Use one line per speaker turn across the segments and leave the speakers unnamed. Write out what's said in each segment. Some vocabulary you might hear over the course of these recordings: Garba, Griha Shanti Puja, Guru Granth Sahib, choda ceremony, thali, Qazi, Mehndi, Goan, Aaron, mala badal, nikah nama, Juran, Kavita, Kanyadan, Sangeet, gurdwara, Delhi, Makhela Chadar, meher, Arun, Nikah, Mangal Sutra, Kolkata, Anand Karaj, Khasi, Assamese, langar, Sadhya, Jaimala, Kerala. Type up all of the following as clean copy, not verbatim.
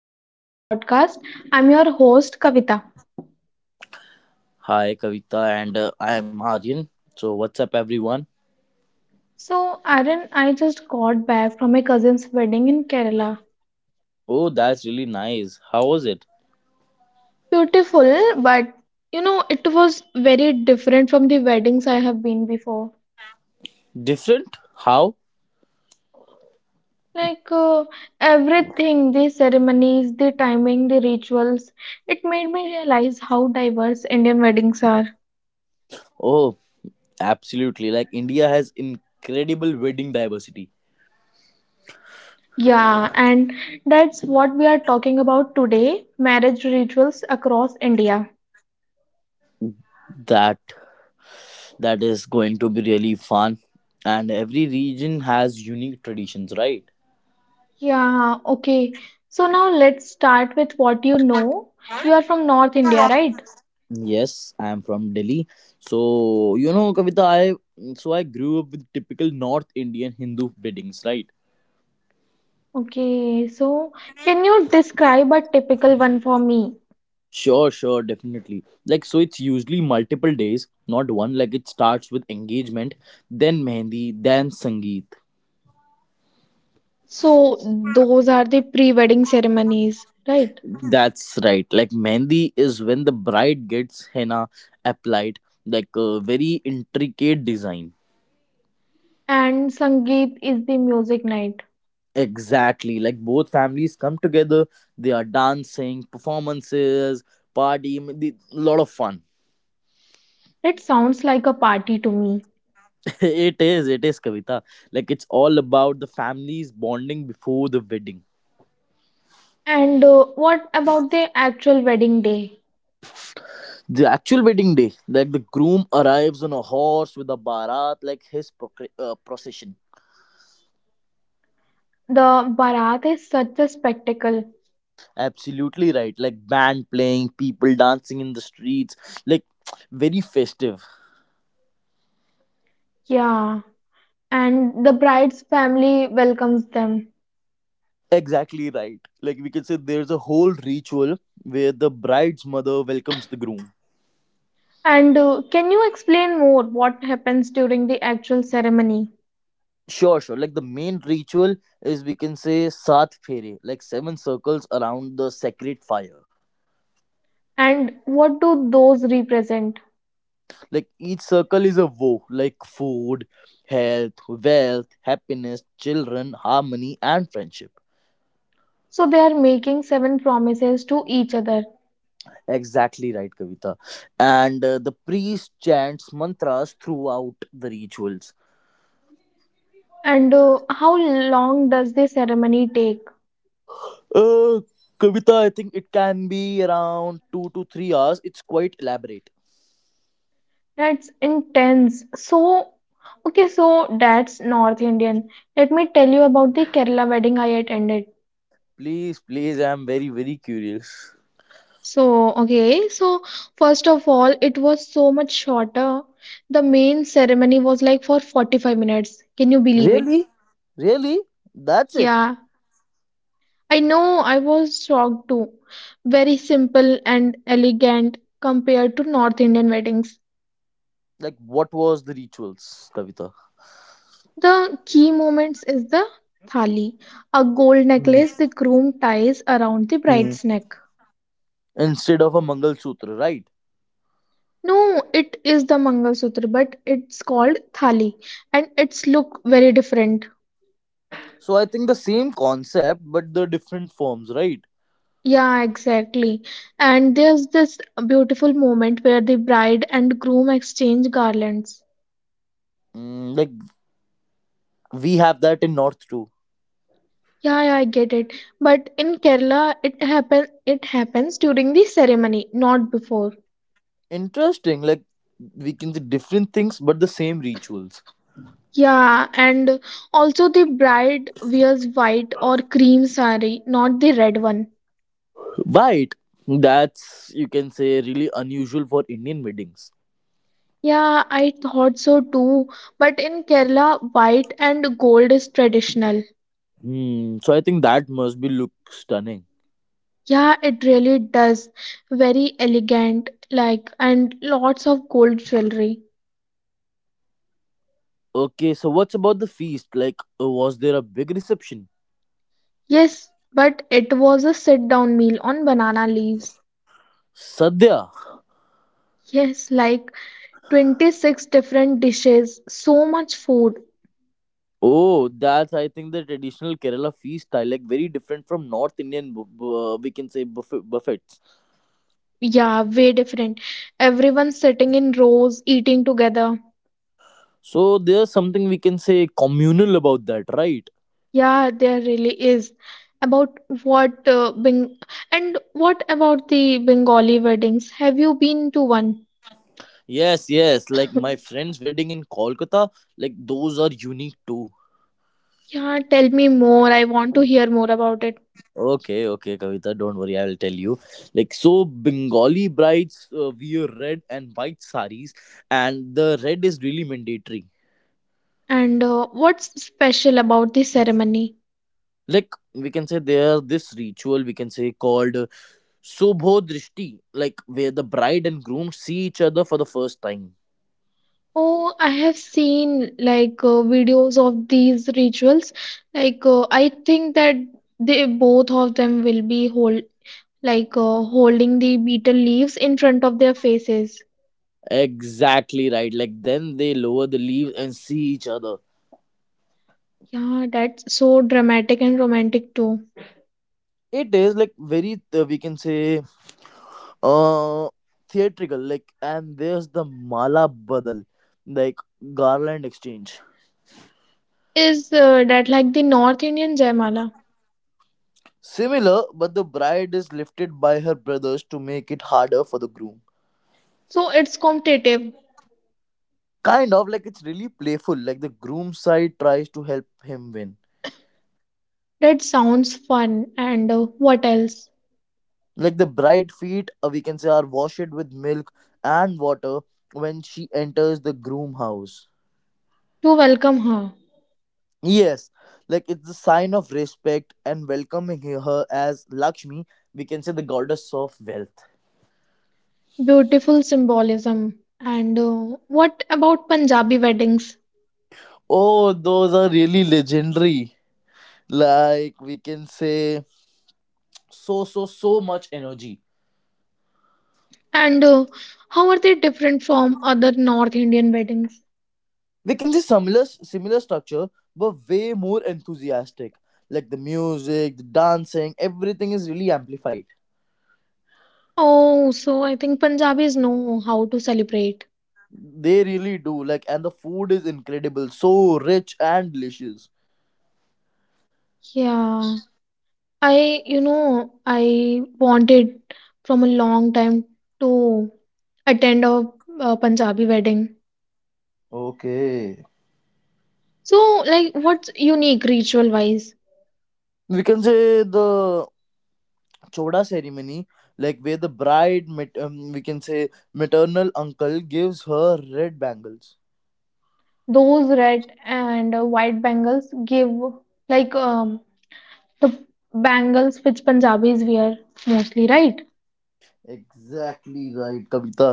to another podcast. I'm your host Kavita.
Hi, Kavita, and I am Aryan. So, what's up, everyone?
So, Aaron, I just got back from my cousin's wedding in Kerala.
Oh, that's really nice. How was it?
Beautiful, but it was very different from the weddings I have been before.
Different? How?
Like uh, everything, the ceremonies, the timing, the rituals, it made me realize how diverse Indian weddings are.
Oh, absolutely. Like India has incredible wedding diversity.
Yeah, and that's what we are talking about today, marriage rituals across India.
That that is going to be really fun, and every region has unique traditions, right?
Yeah, okay. So now let's start with what you know. You are from North India, right?
Yes, I am from Delhi. So, Kavita, I so I grew up with typical North Indian Hindu weddings, right?
Okay, so can you describe a typical one for me?
Sure, sure, definitely. Like, so it's usually multiple days, not one. Like, it starts with engagement, then mehendi, then sangeet.
So those are the pre-wedding ceremonies, right?
That's right. Like, mehendi is when the bride gets henna applied, like a very intricate design.
And Sangeet is the music night.
Exactly. Like, both families come together, they are dancing, performances, party, a lot of fun.
It sounds like a party to me.
It is, it is, Kavita. Like, it's all about the families bonding before the wedding.
And what about the actual wedding day?
The actual wedding day, like the groom arrives on a horse with a barat like his procession.
The Barat is such a spectacle.
Absolutely right. Like band playing, people dancing in the streets, like very festive.
Yeah, and the bride's family welcomes them.
Exactly right. Like we can say there's a whole ritual where the bride's mother welcomes the groom.
And can you explain more what happens during the actual ceremony
Sure, sure. Like the main ritual is, we can say, Sat Fere, like seven circles around the sacred fire.
and what do those represent?
Like each circle is a woe, like food, health, wealth, happiness, children, harmony, and friendship.
So they are making seven promises to each other.
Exactly right, Kavita. And the priest chants mantras throughout the rituals.
And how long does the ceremony take?
Uh, Kavita, I think it can be around 2 to 3 hours. It's quite elaborate.
That's intense. So, okay, so that's North Indian. Let me tell you about the Kerala wedding I attended.
Please, please, I'm very, very curious.
So, okay, so first of all, it was so much shorter. The main ceremony was like for 45 minutes. Can you believe it?
Really? Really? That's it.
Yeah, I know I was shocked too. Very simple and elegant compared to North Indian weddings.
Like, what was the rituals, Kavita?
The key moments is the thali, a gold
Hmm,
necklace the groom ties around the
hmm.
bride's neck.
Instead of a Mangal Sutra, right?
No, it is the Mangal Sutra, but it's called thali and its look very different.
So I think the same concept, but the different forms, right?
Yeah, exactly. And there's this beautiful moment where the bride and groom exchange garlands.
Like we have that in North too.
Yeah, yeah, I get it. But in Kerala, it happens during the ceremony, not before.
Interesting. Like we can see different things, but the same rituals.
Yeah, and also the bride wears white or cream sari, not the red one.
Right. That's, you can say, really unusual for Indian weddings.
Yeah, I thought so too. But in Kerala, white and gold is traditional.
Hmm. So I think that must be look stunning.
Yeah, it really does. Very elegant, like, and lots of gold jewelry.
Okay. So what's about the feast? Like, was there a big reception?
Yes, but it was a sit-down meal on banana leaves.
Sadhya.
Yes, like 26 different dishes, so much food.
Oh, that's, I think, the traditional Kerala feast style, like very different from North Indian, we can say buffets.
Yeah, way different. Everyone sitting in rows, eating together.
So there's something, we can say, communal about that, right?
Yeah, there really is. About what and what about the Bengali weddings? Have you been to one?
Yes, yes. Like my friend's wedding in Kolkata, like those are unique too.
Yeah, tell me more. I want to hear more about it.
Okay, okay, Kavita, don't worry, I will tell you. Like, so Bengali brides wear red and white saris, and the red is really mandatory.
And what's special about the ceremony?
Like, we can say there this ritual we can say called Sobhodrishti, like where the bride and groom see each other for the first time.
Oh, I have seen videos of these rituals. I think that they both of them will be hold holding the beetle leaves in front of their faces.
Exactly right. Like, then they lower the leaves and see each other.
Yeah, that's so dramatic and romantic too.
It is, like, very we can say uh theatrical, like, and there's the mala badal, like garland exchange.
Is that like the North Indian Jaimala?
Similar, but the bride is lifted by her brothers to make it harder for the groom.
So it's competitive.
Kind of like it's really playful, like the groom side tries to help him win.
That sounds fun. And what else?
Like the bride feet we can say are washed with milk and water when she enters the groom house.
To welcome her.
Yes, like it's a sign of respect and welcoming her as Lakshmi, we can say the goddess of wealth.
Beautiful symbolism. And what about Punjabi weddings?
Oh, those are really legendary. Like we can say so so so much energy.
And how are they different from other North Indian weddings?
We can see similar structure, but way more enthusiastic. Like the music, the dancing, everything is really amplified.
Oh, so I think Punjabis know how to celebrate.
They really do. Like and the food is incredible, so rich and delicious.
Yeah, I wanted from a long time to attend a Punjabi wedding.
Okay.
So, like, what's unique ritual wise?
We can say the choda ceremony, like where the bride we can say maternal uncle gives her red bangles.
Those red and white bangles give, like, um, the bangles which Punjabis wear mostly, right?
Exactly right, Kavita.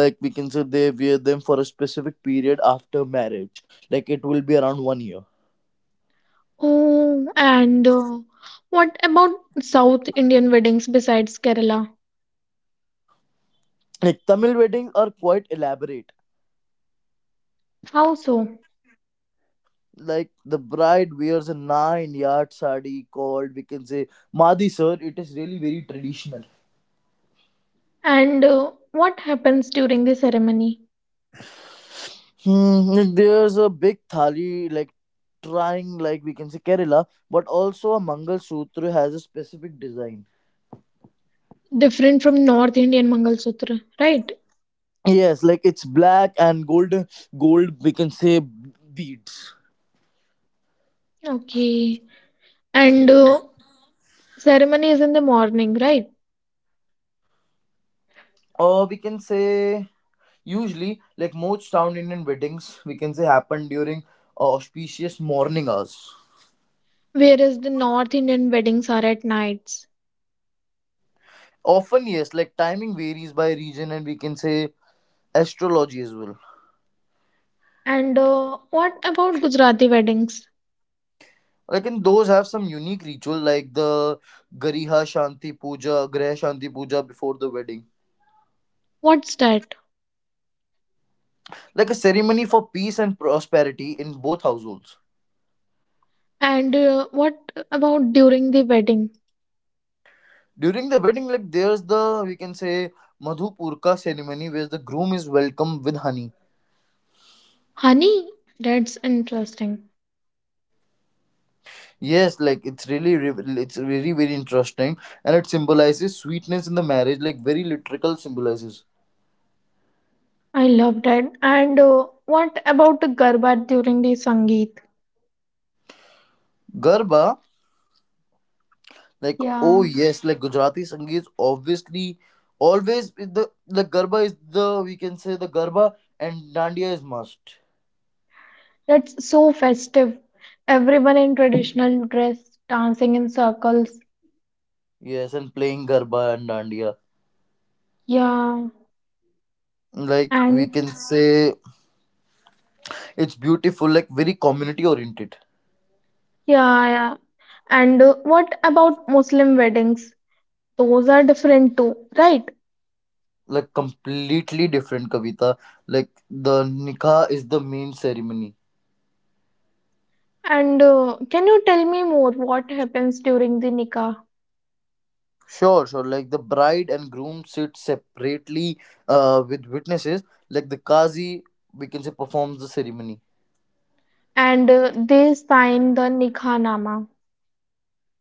Like we can say they wear them for a specific period after marriage, like it will be around one year.
Oh, and what about South Indian weddings besides Kerala?
Like Tamil weddings are quite elaborate.
How so?
Like the bride wears a 9 yard sari called, we can say, madi sir. It is really very traditional.
And what happens during the ceremony?
Like there's a big thali, like trying, like we can say Kerala, but also a Mangal Sutra has a specific design.
Different from North Indian Mangalsutra, right?
Yes, like it's black and gold, we can say, beads.
Okay. And
Yes.
ceremony is in the morning, right?
Or we can say usually like most town Indian weddings we can say happen during auspicious morning hours.
Whereas the North Indian weddings are at nights.
Often yes, like timing varies by region and, we can say, astrology as well.
And what about Gujarati weddings?
Like, and those have some unique ritual, like the Griha Shanti Puja before the wedding,
What's that?
like a ceremony for peace and prosperity in both households.
And what about during the wedding?
During the wedding, like there's the, we can say, Madhupurka ceremony where the groom is welcomed with honey.
Honey? That's interesting.
Yes, like it's really it's very very interesting, and it symbolizes sweetness in the marriage, like very literal symbolizes.
I love that. And what about the garba during the Sangeet?
Garba. Like, oh
Yeah,
yes, like Gujarati Sangeet is obviously always with the, like, Garba is the, we can say, the Garba and Dandiya is must.
that's so festive. Everyone in traditional dress dancing in circles.
Yes, and playing Garba and Dandiya.
Yeah,
Like
and
we can say it's beautiful, like very community oriented.
yeah, yeah. And what about Muslim weddings? Those are different too, right?
Like completely different, Kavita. Like the Nikah is the main ceremony.
And can you tell me more what happens during the nikah?
Sure, sure. Like the bride and groom sit separately with witnesses. Like the Qazi, we can say, performs the ceremony.
And they sign the nikah nama.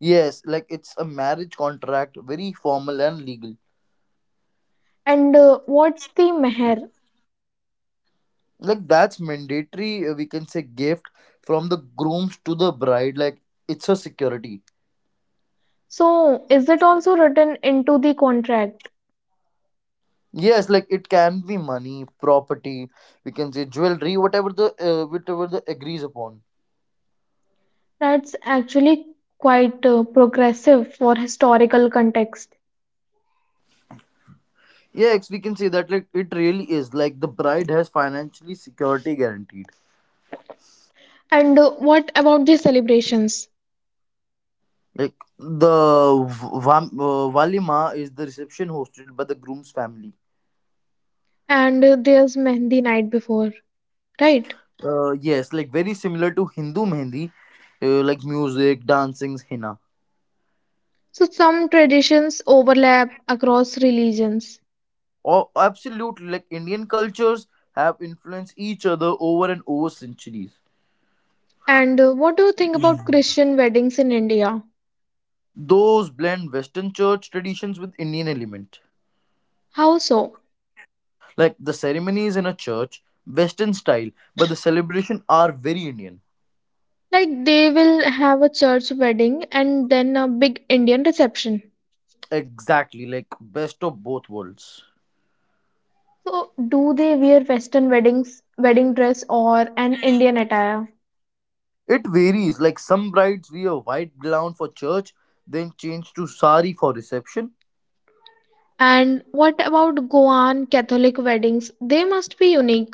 Yes, like it's a marriage contract, very formal and legal.
And what's the meher?
Like that's mandatory, we can say, gift from the grooms to the bride. Like it's a security.
So, is it also written into the contract?
Yes, like it can be money, property, we can say jewelry, whatever the agrees upon.
That's actually quite progressive for historical context.
Yes, we can say that, like it really is, like the bride has financially security guaranteed.
And what about the celebrations?
Like the walima is the reception hosted by the groom's family.
And there's Mehndi night before, right?
Yes, like very similar to Hindu Mehndi, like music, dancing, henna.
So some traditions overlap across religions.
Oh, absolutely. Like Indian cultures have influenced each other over and over centuries.
And what do you think about Christian weddings in India?
Those blend Western church traditions with Indian element.
How so?
Like the ceremonies in a church, Western style, but the celebration are very Indian.
Like they will have a church wedding and then a big Indian reception.
Exactly, like best of both worlds.
So do they wear Western weddings, wedding dress or an Indian attire?
It varies. Like some brides wear white gown for church, then change to sari for reception.
And what about Goan Catholic weddings? They must be unique.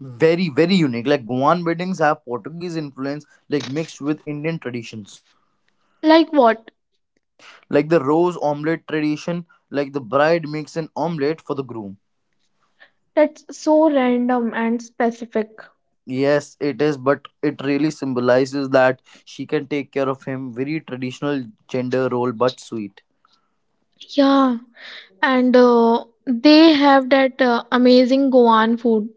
Very, very unique. Like Goan weddings have Portuguese influence, like mixed with Indian traditions.
Like what?
Like the rose omelette tradition, like the bride makes an omelette for the groom.
That's so random and specific.
Yes, it is, but it really symbolizes that she can take care of him. Very traditional gender role, but sweet.
Yeah, and they have that amazing Goan food.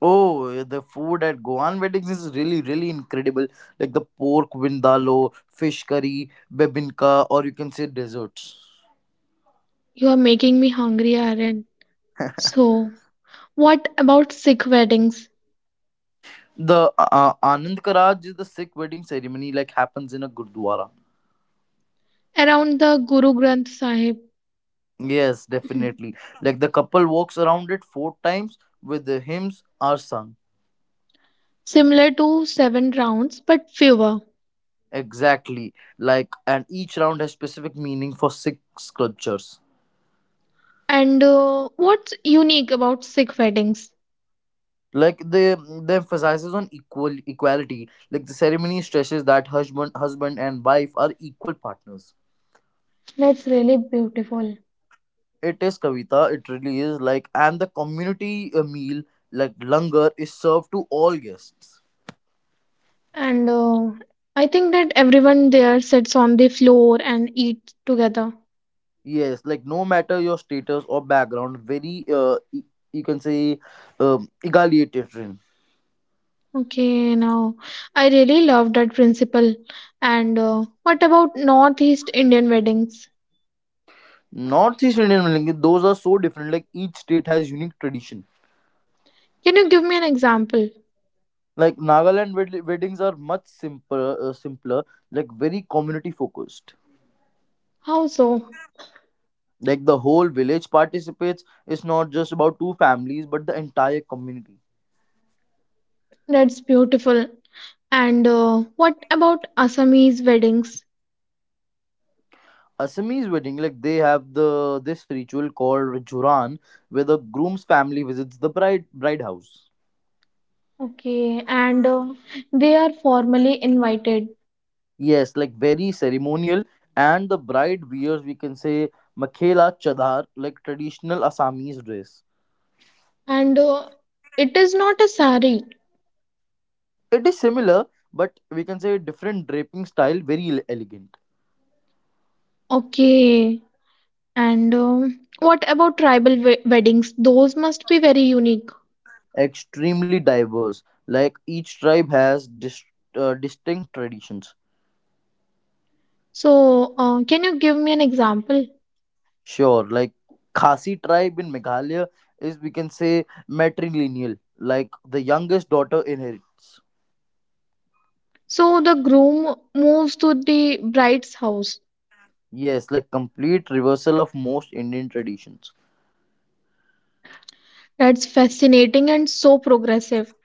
Oh, the food at Goan weddings is really, really incredible. Like the pork vindaloo, fish curry, bebinka, or you can say desserts.
You are making me hungry, Aryan. So, what about Sikh weddings?
The Anand Karaj is the Sikh wedding ceremony, like happens in a gurdwara.
Around the Guru Granth Sahib.
Yes, definitely. Like the couple walks around it four times with the hymns are sung.
Similar to seven rounds, but fewer.
Exactly. Like and each round has specific meaning for Sikh sculptures.
And what's unique about Sikh weddings?
Like the emphasizes on equality. Like the ceremony stresses that husband and wife are equal partners.
That's really beautiful.
It is, Kavita, it really is, like and the community meal like langar is served to all guests.
And I think that everyone there sits on the floor and eats together.
Yes, like no matter your status or background, very you can say egalitarian.
Okay, now I really love that principle. And what about Northeast Indian weddings?
Northeast Indian weddings, those are so different. Like each state has unique tradition.
Can you give me an example?
Like Nagaland weddings are much simpler, like very community focused.
How so?
Like the whole village participates. It's not just about two families, but the entire community.
That's beautiful. And what about Assamese weddings?
Assamese wedding, like they have the this ritual called Juran, where the groom's family visits the bride house.
Okay, and they are formally invited.
Yes, like very ceremonial. And the bride wears, we can say, Makhela Chadar, like traditional Assamese dress.
And it is not a sari.
It is similar, but we can say different draping style, very elegant.
Okay, and what about tribal weddings? Those must be very unique.
Extremely diverse. Like each tribe has distinct traditions.
So, can you give me an example?
Sure, like Khasi tribe in Meghalaya is, we can say, matrilineal. Like the youngest daughter inherits.
So, the groom moves to the bride's house.
Yes, like complete reversal of most Indian traditions.
That's fascinating and so progressive.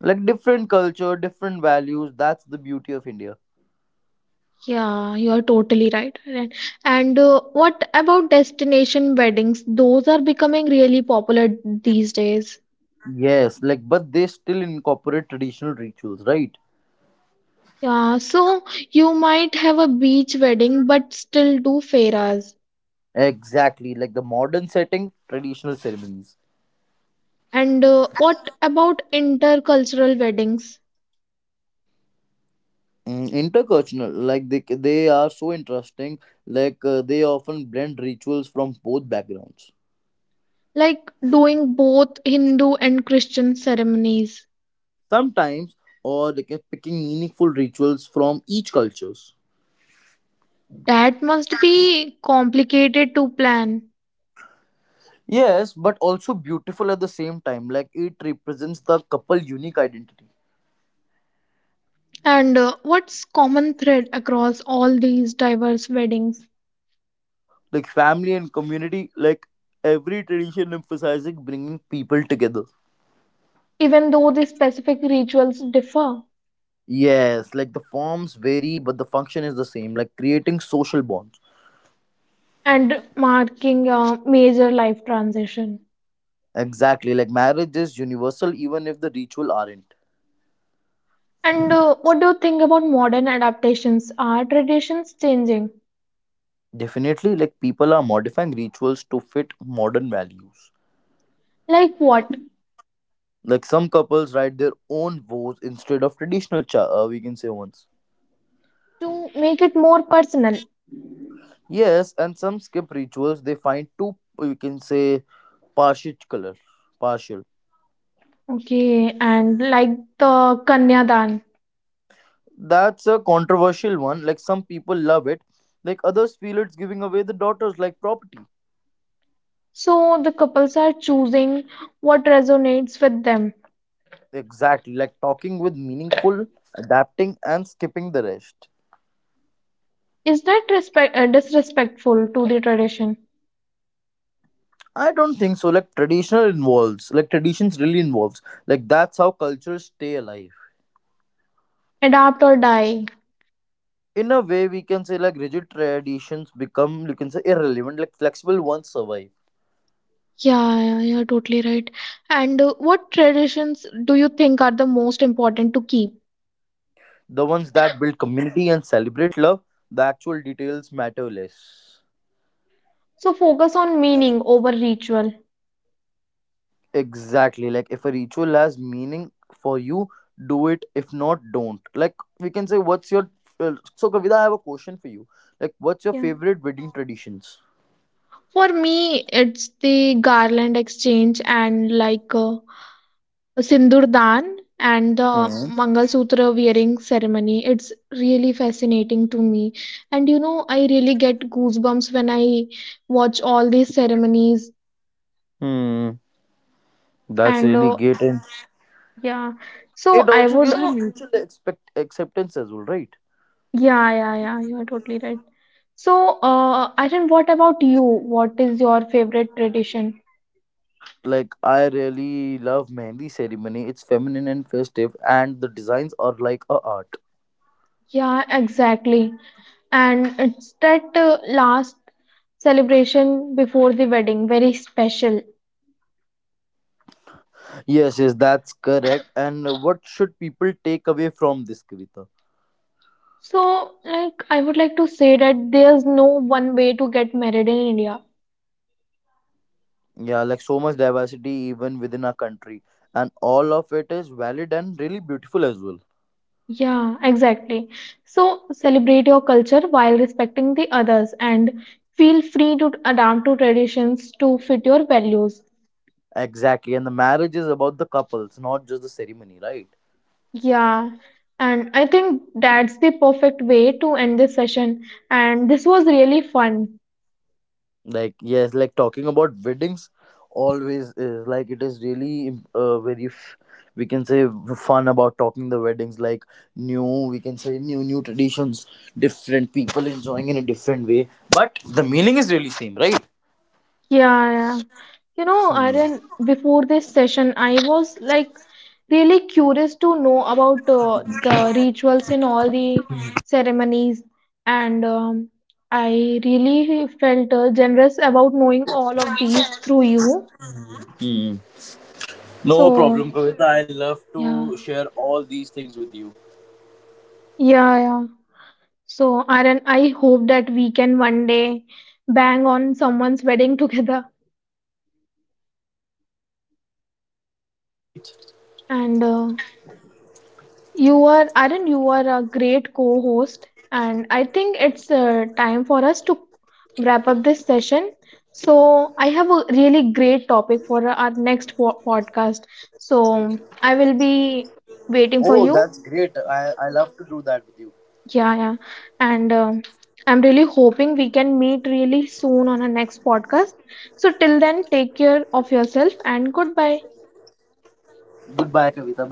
Like different culture different values, that's the beauty of India.
Yeah, you are totally right. Aryan. And what about destination weddings? Those are becoming really popular these days.
Yes, like but they still incorporate traditional rituals, right?
Yeah, so you might have a beach wedding but still do fairas.
Exactly, like the modern setting traditional ceremonies.
And what about intercultural weddings?
Intercultural, like they are so interesting, like they often blend rituals from both backgrounds.
Like doing both Hindu and Christian ceremonies.
Sometimes, or like picking meaningful rituals from each cultures.
That must be complicated to plan.
Yes, but also beautiful at the same time, like it represents the couple unique identity.
And what's common thread across all these diverse weddings?
Like family and community, like every tradition emphasizing bringing people together.
Even though the specific rituals differ
Yes, like the forms vary, but the function is the same, like creating social bonds.
and marking a major life transition.
Exactly, like marriage is universal even if the ritual aren't.
And what do you think about modern adaptations? Are traditions changing?
Definitely, like people are modifying rituals to fit modern values.
Like what?
Like some couples write their own vows instead of traditional, we can say ones.
To make it more personal.
Yes, and some skip rituals, they find too, we can say, partial color. Partial.
Okay, and like the Kanyadan.
That's a controversial one. Like some people love it, like others feel it's giving away the daughters like property.
So the couples are choosing what resonates with them.
Exactly, like talking with meaningful, adapting, and skipping the rest.
Is that respect disrespectful to the tradition?
I don't think so. Like traditional involves, like traditions really involves. Like that's how cultures stay alive.
Adapt or die.
In a way, we can say like rigid traditions become, you can say, irrelevant. Like flexible ones survive.
Yeah, yeah, you're totally right. And what traditions do you think are the most important to keep?
The ones that build community and celebrate love, the actual details matter less.
So focus on meaning over ritual.
Exactly. Like if a ritual has meaning for you, do it. If not, don't. Like we can say, what's your so Kavita? I have a question for you. Like, what's your
Yeah.
favorite wedding traditions?
For me, it's the garland exchange and Sindurdan and the
Hmm.
Mangal Sutra wearing ceremony. It's really fascinating to me. And I really get goosebumps when I watch all these ceremonies.
Hmm. That's
And
really great, and
yeah, so
it
I
also
would,
gives you, So, mutual expect acceptance as well, right?
yeah, yeah, yeah, you are totally right. So, Aryan, what about you? What is your favorite tradition?
Like I really love mehndi ceremony. It's feminine and festive, and the designs are like a art.
Yeah, exactly. And it's that last celebration before the wedding, very special.
Yes, yes, that's correct. And what should people take away from this, Kavita?
So, like, I would like to say that there's no one way to get married in India.
Yeah, like so much diversity even within our country. And all of it is valid and really beautiful as well.
Yeah, exactly. So, celebrate your culture while respecting the others and feel free to adapt to traditions to fit your values.
Exactly. And the marriage is about the couples, not just the ceremony, right?
Yeah, and I think that's the perfect way to end this session. And this was really fun.
Like, yes, like talking about weddings always is, like it is really very, we can say, fun about talking the weddings. Like, we can say, new traditions, different people enjoying in a different way. But the meaning is really same, right?
Yeah, yeah. You know, Aryan, before this session, I was like really curious to know about the rituals in all the ceremonies and I really felt generous about knowing all of these through you
Hmm. No
so
problem, Kavita. I love to
yeah
share all these things with you.
yeah yeah so aaron I hope that we can one day bang on someone's wedding together
Sure, sure, definitely one of our friends, right?
and You are, Arun, you are a great co-host, and I think it's time for us to wrap up this session. So, I have a really great topic for our next podcast. So, I will be
Oh, that's
waiting
great.
for you.
I love to do that with you.
Yeah, yeah. And I'm really hoping we can meet really soon on our next podcast. So, till then, take care of yourself and goodbye.
Goodbye, Kavita. Bye bye.